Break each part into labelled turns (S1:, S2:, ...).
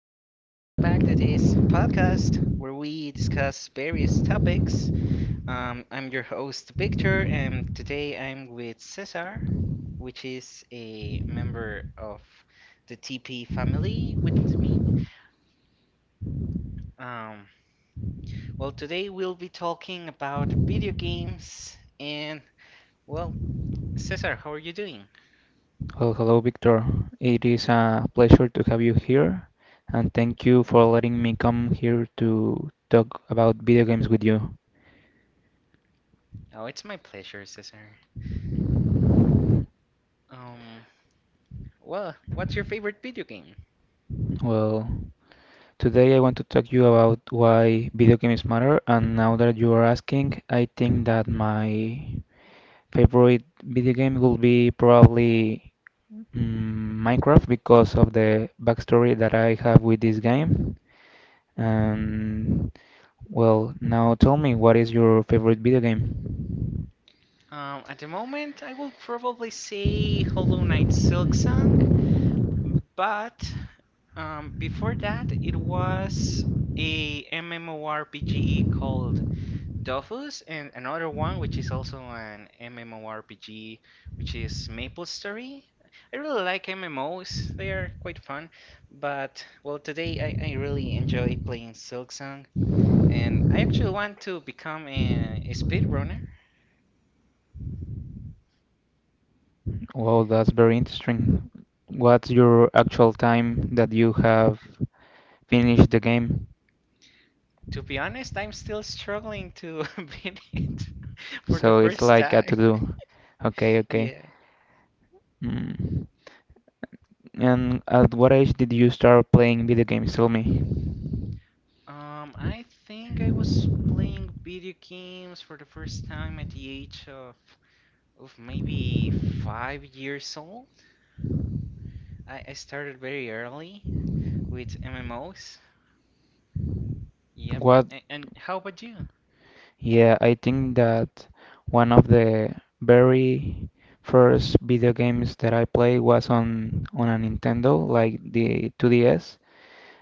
S1: to this podcast where we discuss various topics. I'm your host, Victor, and today I'm with Cesar, which is a member of the TP family with me. Um, Today we'll be talking about video games, and well, Cesar, how are you doing?
S2: Well, hello, Victor. It is a pleasure to have you here, and thank you for letting me come here to talk about video games with you.
S1: Oh, it's my pleasure, Cesar. Um, what's your favorite video game?
S2: Well, today I want to talk to you about why video games matter, and now that you are asking, I think that my favorite video game will be probably Minecraft because of the backstory that I have with this game. And well, now tell me, what is your favorite video game?
S1: At the moment, I will probably say Hollow Knight Silk Song, but before that, it was a MMORPG called Dofus, and another one which is also an MMORPG, which is MapleStory. I really like MMOs; they are quite fun. But well, today I really enjoy playing Silksong, and I actually want to become a speedrunner.
S2: Well, that's very interesting. What's your actual time that you have finished the game?
S1: To be honest, I'm still struggling to beat it for the
S2: So it's
S1: first
S2: like a to
S1: time.
S2: do. Okay, okay.
S1: Yeah.
S2: Mm. And at what age did you start playing video games? Tell me.
S1: I think I was playing video games for the first time at the age of maybe 5 years old. I started very early with MMOs. Yep.
S2: What?
S1: And how about you?
S2: Yeah, I think that one of the very first video games that I played was on a Nintendo, like the 2DS.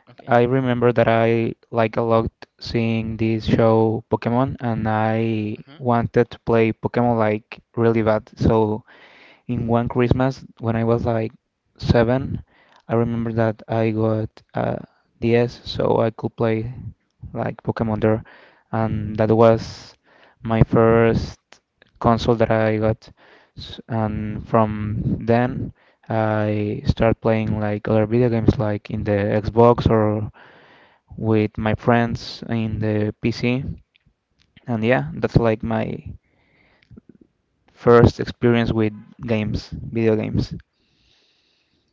S1: Okay.
S2: I remember that I like a lot seeing this show Pokemon, and I
S1: Mm-hmm.
S2: wanted to play Pokemon like really bad. So in one Christmas when I was like seven, I remember that I got a DS so I could play like Pokemon there, and that was my first console that I got. And from then, I start playing like other video games like in the Xbox or with my friends in the PC. And yeah, that's like my first experience with games, video games.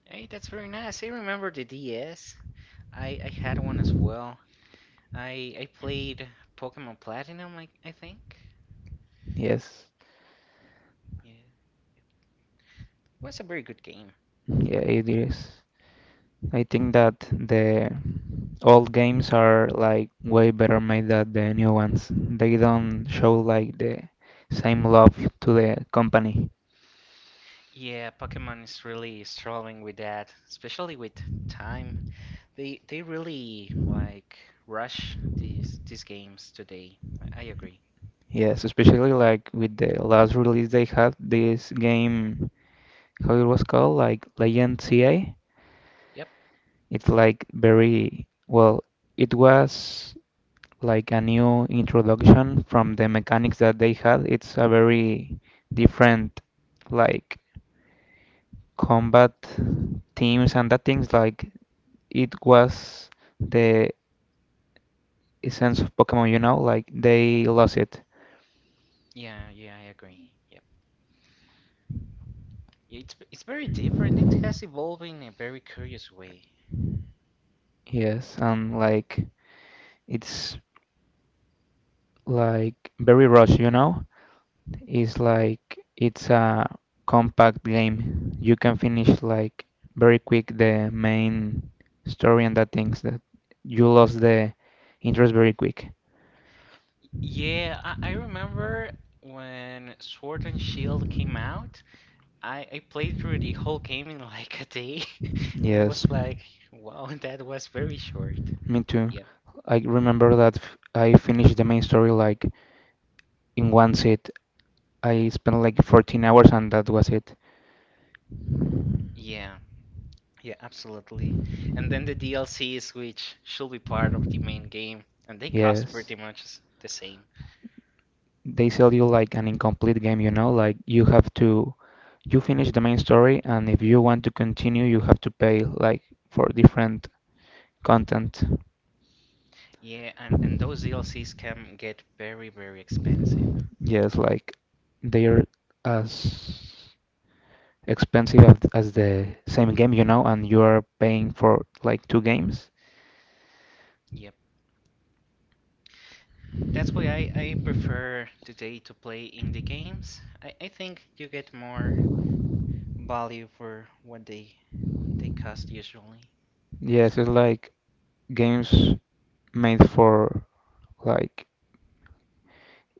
S1: Hey, that's very nice. I remember the DS. I had one as well. I played Pokemon Platinum, I think.
S2: Yes,
S1: Yeah. Yeah. It was a very good game.
S2: yeah, it is. I think that the old games are like way better made than the new ones. They don't show like the same love to the company.
S1: Yeah, Pokemon is really struggling with that, especially with time. They really like rush these games today. I agree.
S2: Yes, especially like with the last release they had, this game, how it was called, like Legend CA.
S1: Yep.
S2: It's like very, well, it was like a new introduction from the mechanics that they had. It's a very different like combat teams and that things like it was the essence of Pokemon, you know, like they lost it.
S1: Yeah, yeah, I agree. Yep. Yeah, it's very different. It has evolved in a very curious way.
S2: Yes, and like it's like very rushed, you know? It's like it's a compact game. You can finish like very quick the main story and that things that you lost the interest very quick.
S1: Yeah, I remember when Sword and Shield came out, I played through the whole game in like a day, and I
S2: Yes,
S1: was like, wow, that was very short.
S2: me too.
S1: Yeah.
S2: I remember that I finished the main story like in one sit. I spent like 14 hours and that was it.
S1: Yeah. Yeah, absolutely. And then the DLCs, which should be part of the main game, and they cost pretty
S2: Yes,
S1: much s- the same.
S2: they sell you like an incomplete game, you know, like you have to you finish the main story and if you want to continue you have to pay like for different content.
S1: Yeah, and those DLCs can get very, very expensive.
S2: Yes, like they're as expensive as the same game, you know, and you are paying for like two games.
S1: Yep. That's why I prefer today to play indie games. I think you get more value for what they cost usually.
S2: Yes, it's like games made for like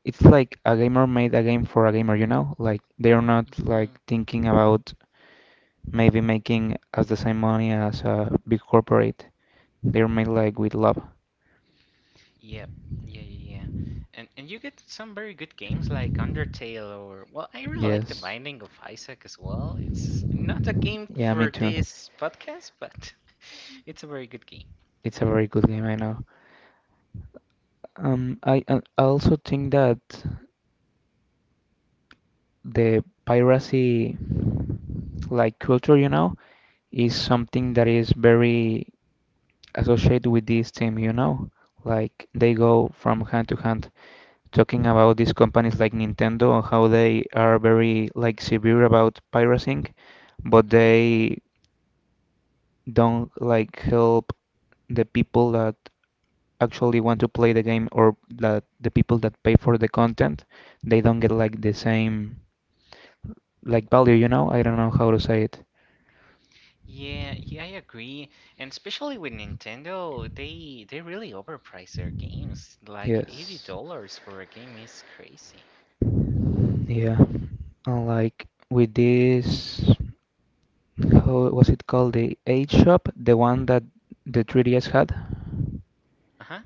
S2: it's like a gamer made a game for a gamer, you know? Like they are not
S1: Hmm.
S2: like thinking about maybe making as the same money as a big corporate. They're made like with love.
S1: Yep. Yeah, yeah, yeah. And you get some very good games like Undertale or well, I really like The
S2: Yes.
S1: Binding of Isaac as well. It's not a game
S2: Yeah, me
S1: for
S2: too.
S1: this podcast, but it's a very good game.
S2: It's a very good game, I know. I also think that the piracy like culture, you know, is something that
S1: Hmm.
S2: is very associated with this team, you know. Like they go from hand to hand talking about these companies like Nintendo and how they are very like severe about piracying, but
S1: Hmm.
S2: they don't like help the people that actually want to play the game or that the people that pay for the content they don't get like the same like value. I don't know how to say it.
S1: Yeah, yeah, I agree. And especially with Nintendo, they really overprice their games. Like
S2: Yes,
S1: $80 for a game is crazy.
S2: yeah, and like with this, how was it called, the age shop, the one that the 3DS had?
S1: Uh-huh.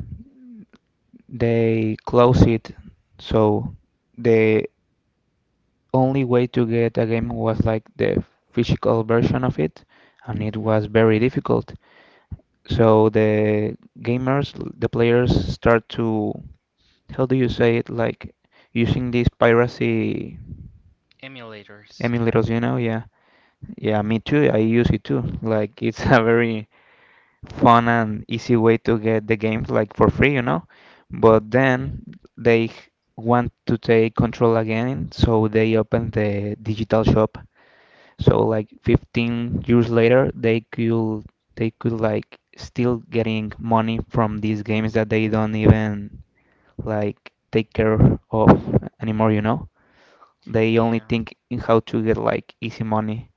S2: They closed it, so the only way to get a game was like the physical version of it, and it
S1: Hmm.
S2: was very difficult. So the gamers, the players start to, how do you say it, like using these piracy
S1: Emulators, yeah.
S2: emulators, you know? Yeah. Yeah, me too. I use it too. Like it's a very fun and easy way to get the games like for free, you know? But
S1: Yeah.
S2: then they want to take control again, so they open the digital shop. So like 15 years later, they could like still getting money from these games that they don't even like take care of anymore, you know? They only
S1: Yeah.
S2: think in how to get like easy money.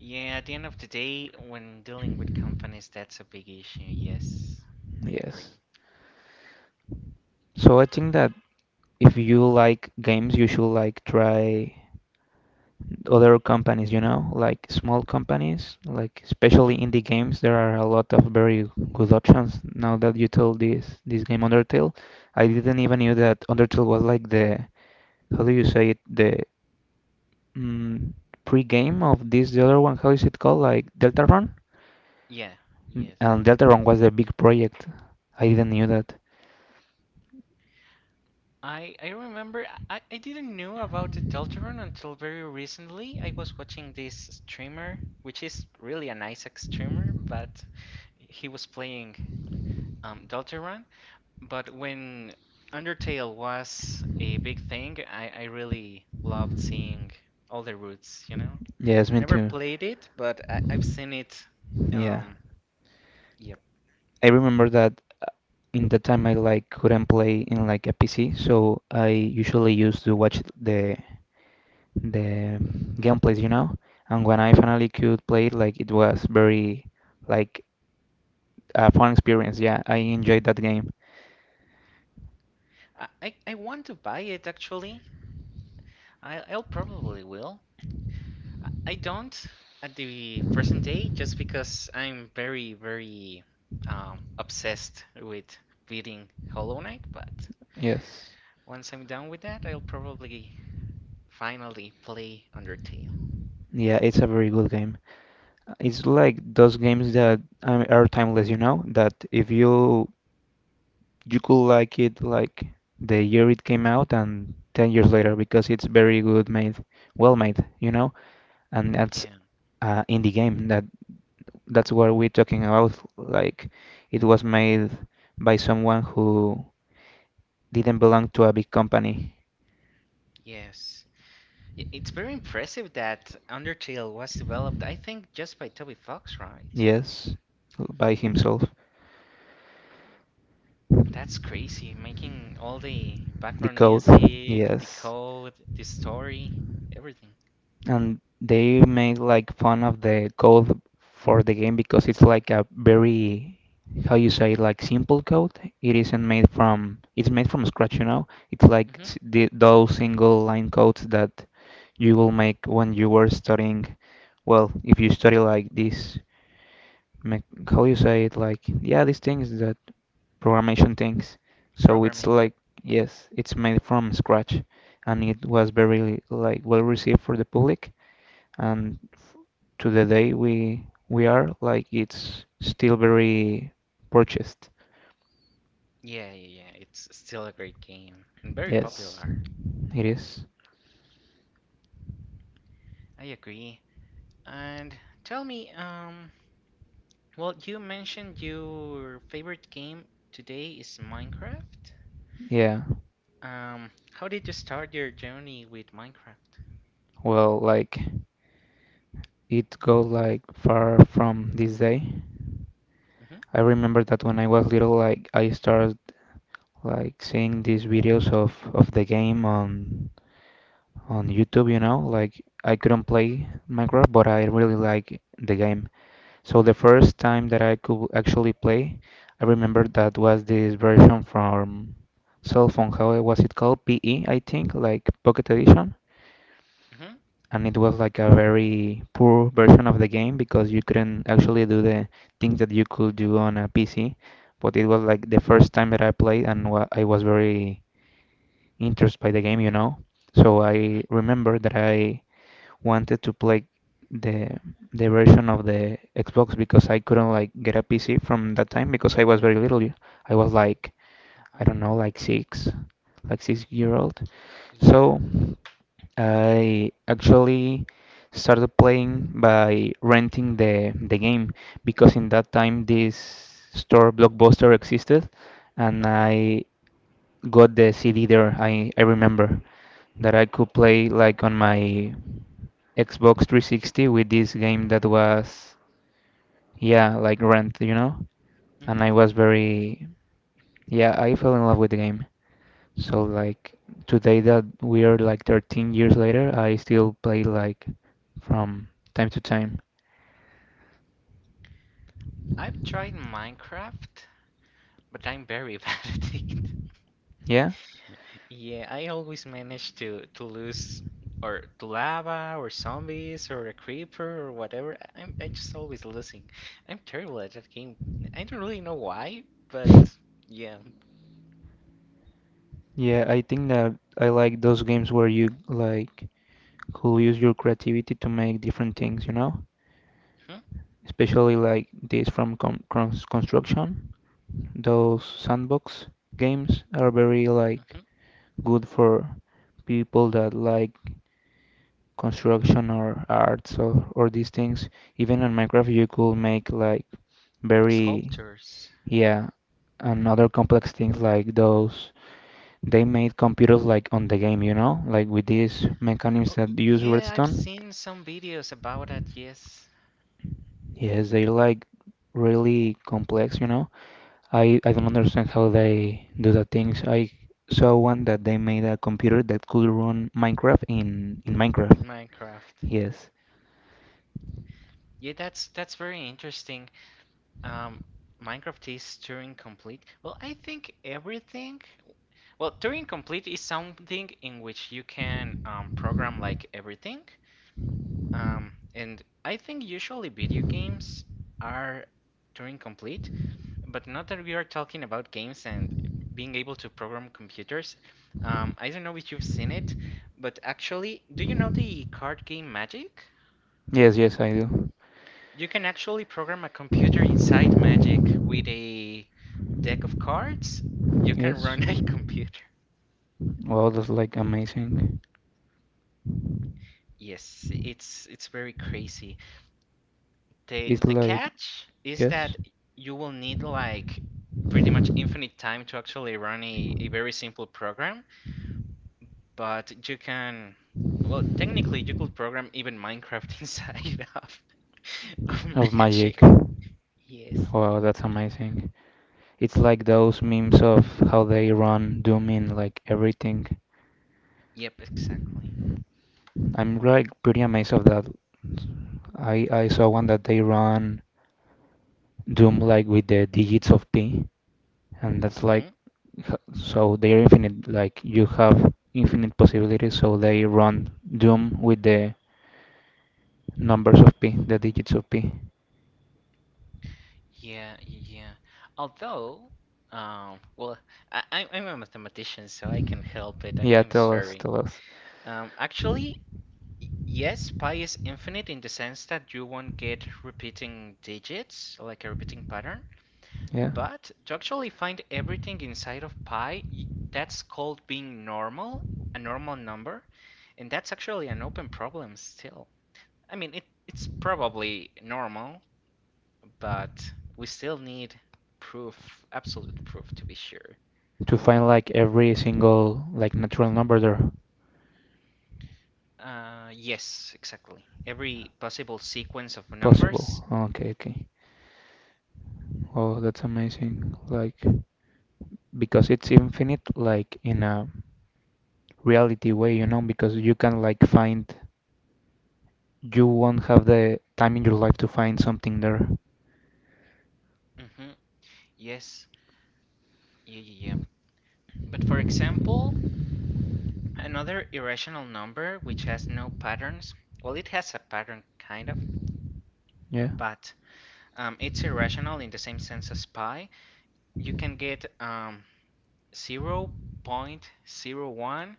S1: Yeah, at the end of the day, when dealing with companies, that's a big issue. Yes, I agree.
S2: Yes. So I think that if you like games, you should like try other companies, you know, like small companies, like especially
S1: Hmm.
S2: indie games. There are a lot of very good options. Now that you told this game Undertale, I didn't even knew that Undertale was like the, how do you say it, the mm, pre-game of this the other one. How is it called? Like Deltarune,
S1: Yeah, yes.
S2: and Deltarune was the big project. I didn't knew that.
S1: I remember I didn't know about the Deltarune until very recently. I was watching this streamer, which is really a nice streamer, but he was playing Deltarune. But when Undertale was a big thing, I really loved seeing all the routes, you know?
S2: Yes, me
S1: Never
S2: too.
S1: played it, but I've seen it.
S2: Yeah.
S1: Um, yep.
S2: I remember that in the time I like couldn't play in like a PC, so I usually used to watch the the gameplays, you know. And when I finally could play it, like it was very like a fun experience. Yeah, I enjoyed that game.
S1: I want to buy it actually. I'll probably will. I don't at the present day just because I'm very, very obsessed with beating Hollow Knight, but
S2: Yes.
S1: once I'm done with that, I'll probably finally play Undertale.
S2: Yeah, it's a very good game. It's like those games that are timeless, you know, that if you you could like it like the year it came out and 10 years later because it's very good made, well made, you know. And that's
S1: Yeah,
S2: in the game that that's what we're talking about, like it was made by someone who didn't belong to a big company,
S1: yes. It's very impressive that Undertale was developed, I think, just by Toby Fox, right?
S2: yes, by himself.
S1: That's crazy, making all the
S2: The
S1: background
S2: code,
S1: music, the
S2: yes.
S1: code, the story, everything.
S2: And they made like fun of the code for the game because it's like a very, how you say, like simple code. It isn't made from, it's made from scratch, you know? It's like
S1: Hmm.
S2: the, those single line codes that you will make when you were studying. Well, if you study like this, mech- how you say it, like, yeah, these things that programmation things. So it's
S1: Programming,
S2: like,
S1: yep.
S2: yes, it's made from scratch and it was very like well received for the public and to the day we are, like it's still very purchased.
S1: Yeah, yeah, yeah. It's still a great game and very
S2: Yes,
S1: popular.
S2: it is.
S1: I agree. And tell me, you mentioned your favorite game today is Minecraft.
S2: Yeah.
S1: How did you start your journey with Minecraft?
S2: Well, like it goes like far from this day.
S1: Mm-hmm.
S2: I remember that when I was little, like I started like seeing these videos of the game on YouTube, you know, like I couldn't play Minecraft, but I really like the game. So
S1: Mm-hmm.
S2: the first time that I could actually play, I remember that was this version from cell phone. How was it called? PE, I think, like Pocket Edition.
S1: Mm-hmm.
S2: And it was like a very poor version of the game because you couldn't actually do the things that you could do on a PC. But it was like the first time that I played, and wa I was very interested by the game, you know. So
S1: Mm-hmm.
S2: I remember that I wanted to play the version of the Xbox because I couldn't like get a PC from that time because I was very little. I was like,
S1: Hmm.
S2: I don't know, like six, like 6 year old.
S1: Yeah,
S2: So I actually started playing by renting the game because in that time this store Blockbuster existed and
S1: okay.
S2: I got the CD there. I remember that I could play like on my Xbox 360 with this game that was, yeah, like Rent, you know? And
S1: Mm-hmm.
S2: I was very, yeah, I fell in love with the game. So like today that we are like 13 years later, I still play like from time to time.
S1: I've tried Minecraft. But I'm very bad at it.
S2: Yeah?
S1: Yeah, I always manage to lose or to lava or zombies or a creeper or whatever. I just always losing. I'm terrible at that game. I don't really know why, but yeah.
S2: Yeah, I think that I like those games where you like could use your creativity to make different things, you know?
S1: Hmm.
S2: Especially like this from construction. Those sandbox games are very like
S1: Hmm.
S2: good for people that like construction or arts, or these things. Even in Minecraft, you could make like very,
S1: Sculptors.
S2: yeah, and other complex things like those. They made computers like on the game, you know, like with these mechanisms
S1: Oh y-
S2: that use
S1: yeah, I've
S2: redstone.
S1: seen some videos about that, yes,
S2: Yes, they're like really complex, you know. I don't understand how they do the things. I saw one that they made a computer that could run Minecraft in
S1: in
S2: Minecraft.
S1: Minecraft.
S2: Yes.
S1: Yeah, that's very interesting. Um, Minecraft is Turing complete. Well, I think everything. Well, Turing complete is something in which you can program like everything. And I think usually video games are Turing complete, but not that we are talking about games and being able to program computers. I don't know if you've seen it, but actually, do you know the card game Magic?
S2: Yes, yes, I do.
S1: You can actually program a computer inside Magic with a deck of cards. You can
S2: Yes.
S1: run a computer.
S2: Wow, that's like amazing.
S1: Yes, it's very crazy.
S2: It's
S1: The
S2: like,
S1: catch is
S2: yes,
S1: that you will need like pretty much infinite time to actually run a very simple program, but you can, well, technically you could program even Minecraft inside of of
S2: of magic.
S1: Magic. Yes.
S2: Wow, that's amazing. It's like those memes of how they run Doom in like everything.
S1: Yep, exactly.
S2: I'm like pretty amazed of that. I saw one that they run Doom like with the digits of pi, and that's like
S1: Hmm.
S2: so they're infinite. Like you have infinite possibilities, so they run Doom with the numbers of pi, the digits of pi.
S1: Yeah, yeah. Although, um, well, I'm a mathematician, so I can help it. I'm
S2: Yeah,
S1: I'm
S2: tell us,
S1: sorry.
S2: tell us.
S1: Um, actually, Y- Yes, pi is infinite in the sense that you won't get repeating digits, like a repeating pattern,
S2: Yeah,
S1: but to actually find everything inside of pi, y- that's called being normal, a normal number, and that's actually an open problem still. I mean, it's probably normal, but we still need proof, absolute proof to be sure.
S2: to find like every single like natural number there
S1: Yes, exactly. Every possible sequence of numbers.
S2: possible. Okay, okay. Oh, that's amazing. Like because it's infinite, like in a reality way, you know, because you can like find. You won't have the time in your life to find something there.
S1: Hmm. Yes. Yeah, yeah, yeah. But for example, another irrational number which has no patterns, well, it has a pattern kind of,
S2: Yeah,
S1: but it's irrational in the same sense as pi. You can get 0.01001,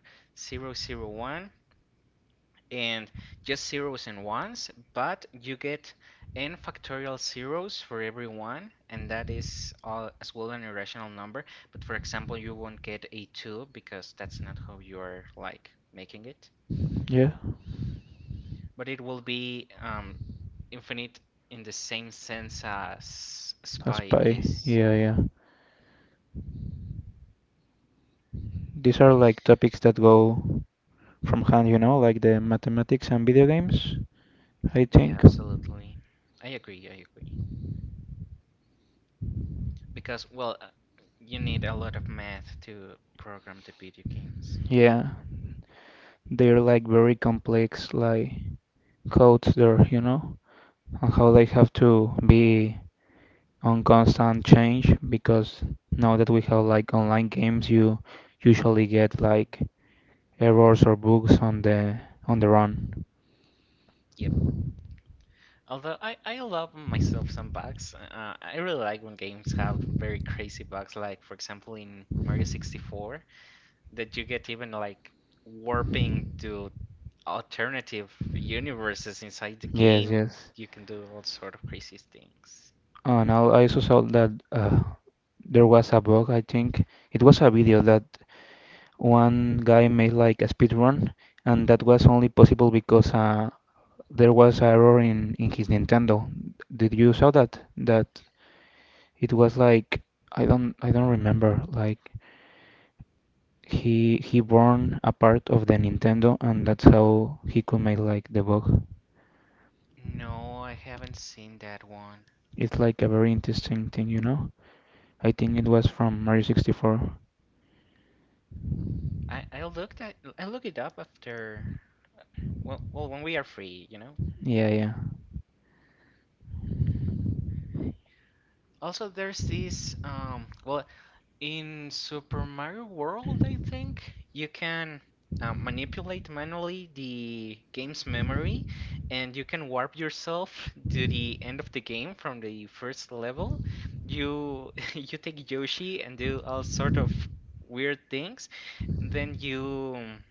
S1: and just zeros and ones, but you get n factorial zeros for every one, and that is all, as well an irrational number. But for example, you won't get a 2 because that's not how you are like making it.
S2: yeah.
S1: But it will be infinite in the same sense as
S2: As
S1: Spy
S2: pie.
S1: is.
S2: Yeah, yeah. These are like topics that go from hand, you know, like the mathematics and video games, I
S1: Yeah,
S2: think.
S1: absolutely. I agree, I agree. Because, well, you need a lot of math to program the video games.
S2: Yeah, they're like very complex, like codes there, you know, and how
S1: Yep.
S2: they have to be on constant change because now that we have like online games, you usually get
S1: Mm.
S2: like errors or bugs on the run.
S1: Yep. Although I allow myself some bugs. I really like when games have very crazy bugs, like, for example, in Mario 64, that you get even like warping to alternative universes inside the
S2: Yes,
S1: game and
S2: yes.
S1: you can do all sort of crazy things.
S2: And I also saw that there was a bug, I think. It was a video that one guy made like a speed run, and that
S1: Mhm.
S2: was only possible because there was an error in his Nintendo. Did you saw that? That it was like I don't remember. Like he burned a part of the Nintendo, and that's how he could make like the bug.
S1: No, I haven't seen that one.
S2: It's like a very interesting thing, you know? I think it was from Mario 64.
S1: I look it up after, well, when we are free, you know.
S2: Yeah, yeah.
S1: Also, there's this In Super Mario World, I think you can manipulate manually the game's memory and you can warp yourself to the end of the game from the first level. You you take Yoshi and do all sort of weird things. Then you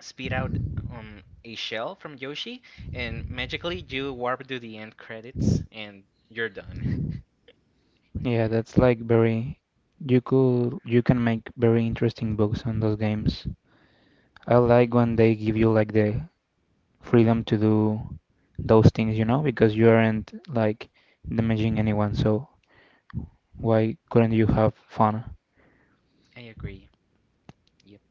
S1: spit out a shell from Yoshi and magically you warp to the end credits and you're done.
S2: Yeah, that's like very you can make very interesting books on those games. I
S1: Mhm,
S2: like when they give you like the freedom to do those things, you know, because you aren't like damaging anyone, so why couldn't you have fun?
S1: I agree. Yep.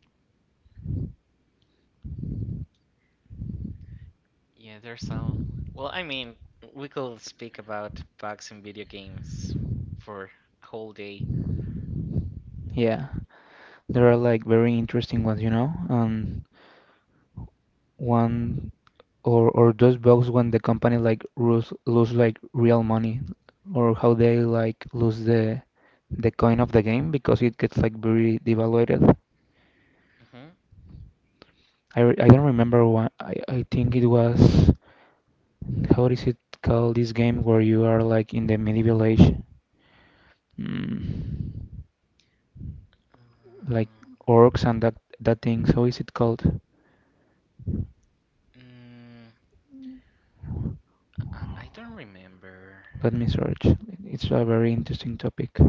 S1: Yeah, there's some. Well, I mean, we could speak about bugs in video games for a whole day.
S2: Yeah. There are like very interesting ones, you know? One or those bugs when the company like lose like real money or how they like lose the coin of the game because it gets like very devaluated.
S1: Mm-hmm.
S2: I don't remember what I think it was how is it called this game where you are like in the medieval age, mm, like orcs and that thing, how is it called?
S1: Mm. I don't remember.
S2: Let me search. It's a very interesting topic.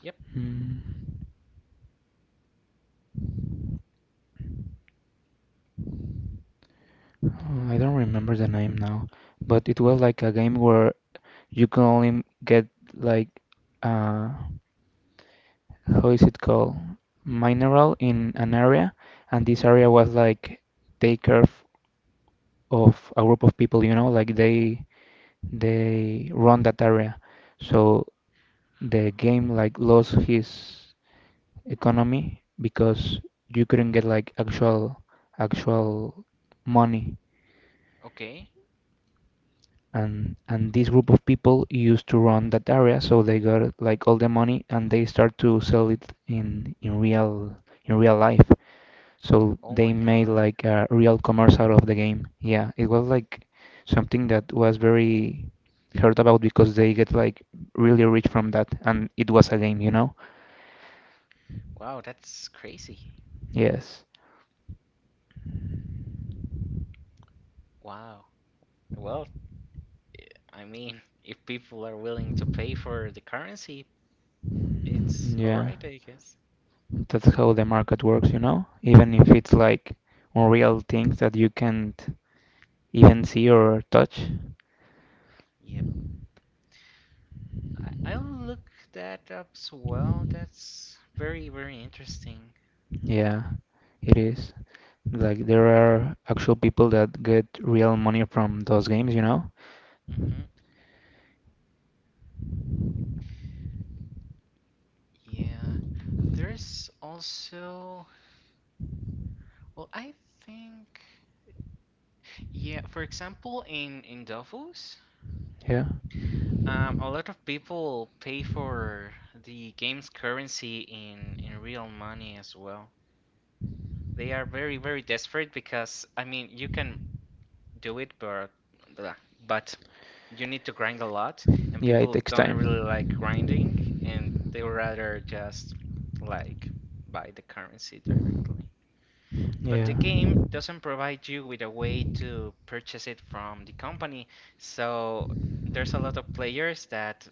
S1: Yep.
S2: Mm. Oh, I don't remember the name now, but it was like a game where you can only get like uh how is it called? Mineral in an area, and this area was like take care of a group of people, you know, like they run that area. So the game like lost his economy because you couldn't get like actual money,
S1: Okay.
S2: and this group of people used to run that area, so they got like all the money, and they start to sell it in real life, so
S1: Oh
S2: they
S1: my
S2: made
S1: God.
S2: like a real commerce out of the game. Yeah, it was like something that was very heard about because they get like really rich from that, and it was a game, you know?
S1: Wow, that's crazy.
S2: Yes.
S1: Wow. Well, I mean, if people are willing to pay for the currency, it's all
S2: Yeah,
S1: right, I guess.
S2: that's how the market works, you know, even if it's like unreal things that you can't even see or touch.
S1: Yep. I'll look that up as well. That's very, very interesting.
S2: Yeah, it is. Like there are actual people that get real money from those games, you know?
S1: Mm-hmm. Yeah, there's also, well, I think, yeah, for example, in Dofus,
S2: Yeah.
S1: a lot of people pay for the game's currency in real money as well. They are very, very desperate because, I mean, you can do it, but blah, but you need to grind a lot, and
S2: Yeah, it
S1: people
S2: takes
S1: don't really like
S2: time.
S1: grinding, and they would rather just like buy the currency directly. But
S2: Yeah.
S1: the game doesn't provide you with a way to purchase it from the company. So there's a lot of players that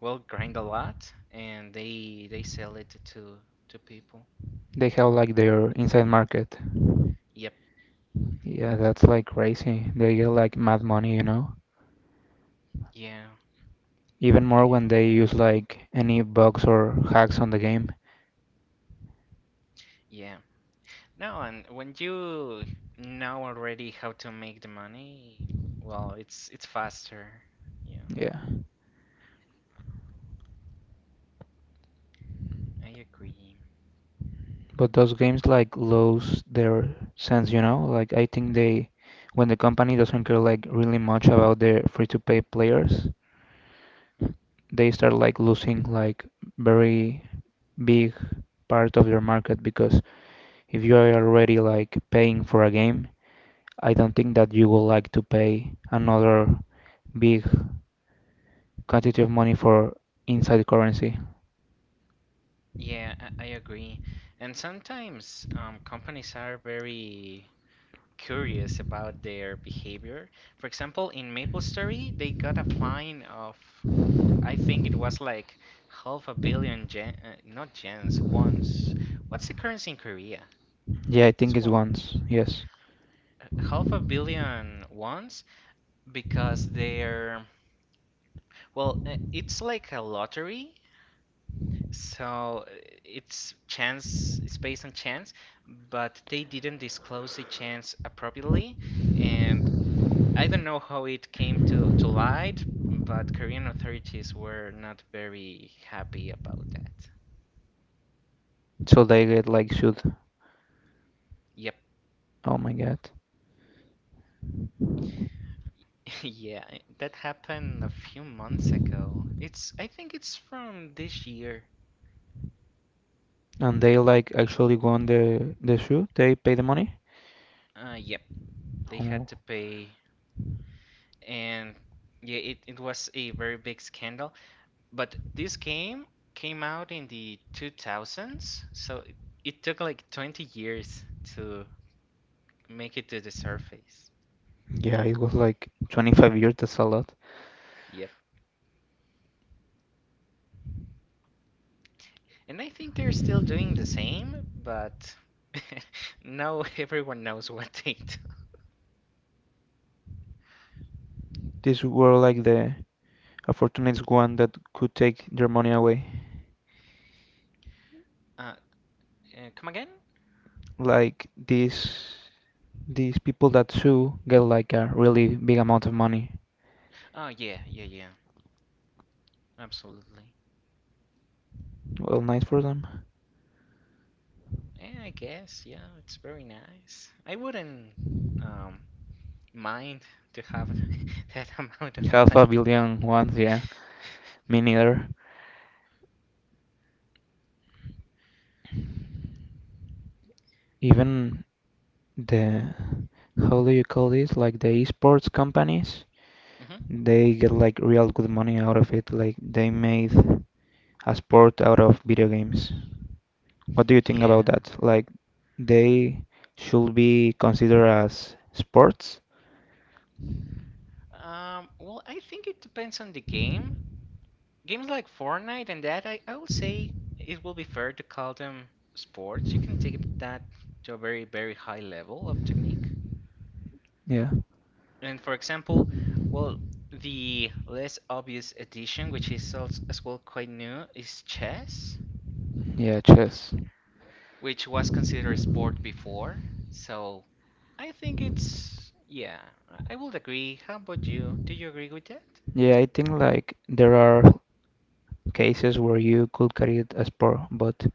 S1: will grind a lot and they sell it to people.
S2: They have like their inside market.
S1: Yep.
S2: Yeah, that's like crazy. They get like mad money, you know?
S1: Yeah.
S2: Even more
S1: Yeah.
S2: when they use like any bugs or hacks on the game.
S1: Yeah. No, and when you know already how to make the money, well, it's faster. Yeah.
S2: Yeah.
S1: I agree.
S2: But those games like lose their sense, you know? Like I think they when the company doesn't care like really much about their free to play players,
S1: Hmm?
S2: they start like losing like very big part of your market because if you are already like paying for a game, I don't think that you would like to pay another big quantity of money for inside currency.
S1: Yeah, I agree. And sometimes companies are very curious about their behavior. For example, in MapleStory, they got a fine of, I think it was like half a billion yen, not yens, ones. What's the currency in Korea?
S2: Yeah, I think
S1: It's
S2: it's
S1: won.
S2: once. Yes.
S1: Half a billion ones because they're, well, it's like a lottery. So it's chance, it's based on chance, but they didn't disclose the chance appropriately, and I don't know how it came to light, but Korean authorities were not very happy about that.
S2: So they get like shoot.
S1: Yep.
S2: Oh my god.
S1: Yeah, that happened a few months ago. It's, I think it's from this year.
S2: And they like actually won the shoot. They pay the money.
S1: Yep, they had
S2: Oh.
S1: to pay, and yeah, it was a very big scandal. But this game came out in the 2000s, so it took like 20 years to make it to the surface.
S2: Yeah, it was like 25 years. That's a lot.
S1: Yep. And I think they're still doing the same, but now everyone knows what date.
S2: These were like the a fortunate one that could take their money away.
S1: Uh, Come again?
S2: Like these people that sue get like a
S1: Mhm.
S2: really big amount of money.
S1: Oh, yeah, yeah, yeah, absolutely.
S2: Well, nice for them.
S1: Yeah, I guess, yeah, it's very nice. I wouldn't um, mind to have that amount of
S2: Half a
S1: money.
S2: billion ones, yeah. Me neither. Even the how do you call this? Like the esports companies,
S1: Hmm.
S2: they get like real good money out of it. Like they made a sport out of video games. What do you think
S1: Yeah.
S2: about that? Like they should be considered as sports.
S1: Well, I think it depends on the game. Games like Fortnite and that, I would say it will be fair to call them sports. You can take that to a very, very high level of technique.
S2: Yeah.
S1: And for example, well, the less obvious addition, which is also as well quite new, is chess,
S2: Yeah, chess.
S1: which was considered a sport before. So I think it's, yeah, I would agree. How about you? Do you agree with that?
S2: Yeah, I think like there are cases where you could carry it as sport, but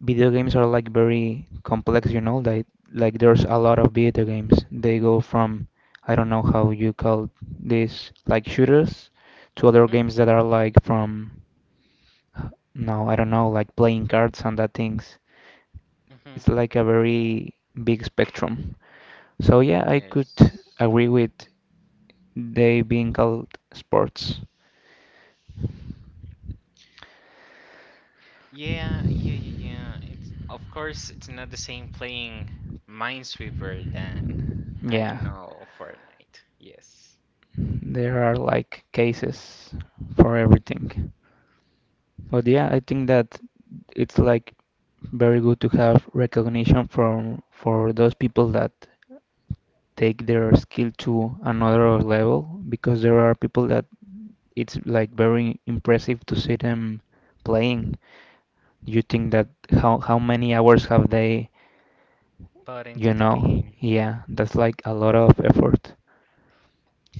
S2: video games are like very complex, you know, like there's a lot of video games. They go from I don't know how you call this like shooters to
S1: Hmm.
S2: other
S1: Hmm.
S2: games that are like from no, I don't know, like playing cards and that things.
S1: Hmm.
S2: It's like a very big spectrum. So yeah, I could
S1: Yes.
S2: agree with they being called sports.
S1: Yeah, yeah, yeah. Yeah. It's of course it's not the same playing Minesweeper than I
S2: Yeah,
S1: don't know Fortnite. Yes,
S2: there are like cases for everything. But yeah, I think that it's like very good to have recognition from for those people that take their skill to another level because there are people that it's like very impressive to see them playing. You think that how many hours have they,
S1: but
S2: you
S1: into the
S2: know?
S1: game.
S2: Yeah, that's like a lot of effort.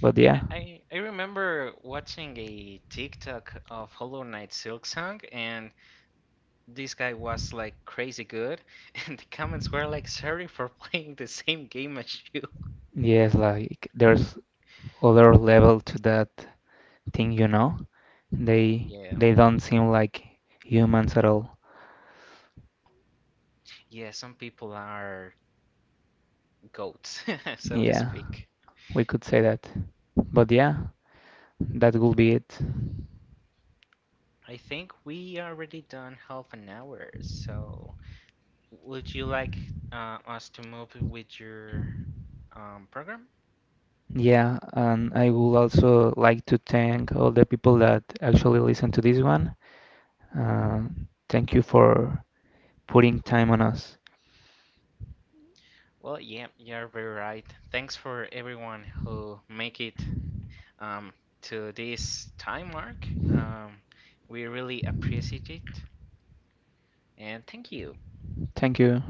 S2: But
S1: Yeah,
S2: yeah.
S1: I remember watching a TikTok of Hollow Knight Silksong, and this guy was like crazy good, and the comments were like, "Sorry for playing the same game as you."
S2: Yes, like there's other level to that thing, you know?
S1: Yeah,
S2: They don't seem like humans at all.
S1: yeah. Some people are goats, so to
S2: Yeah,
S1: speak.
S2: we could say
S1: Yeah.
S2: that. But yeah, that would be it.
S1: I think we already done half an hour, so would you like us to move with your program?
S2: Yeah, and I would also like to thank all the people that actually listen to this one. Uh, thank you for putting time on us.
S1: Well, yeah, you're very right. Thanks for everyone who make it um, to this time mark. We really appreciate it, and thank you.
S2: Thank you.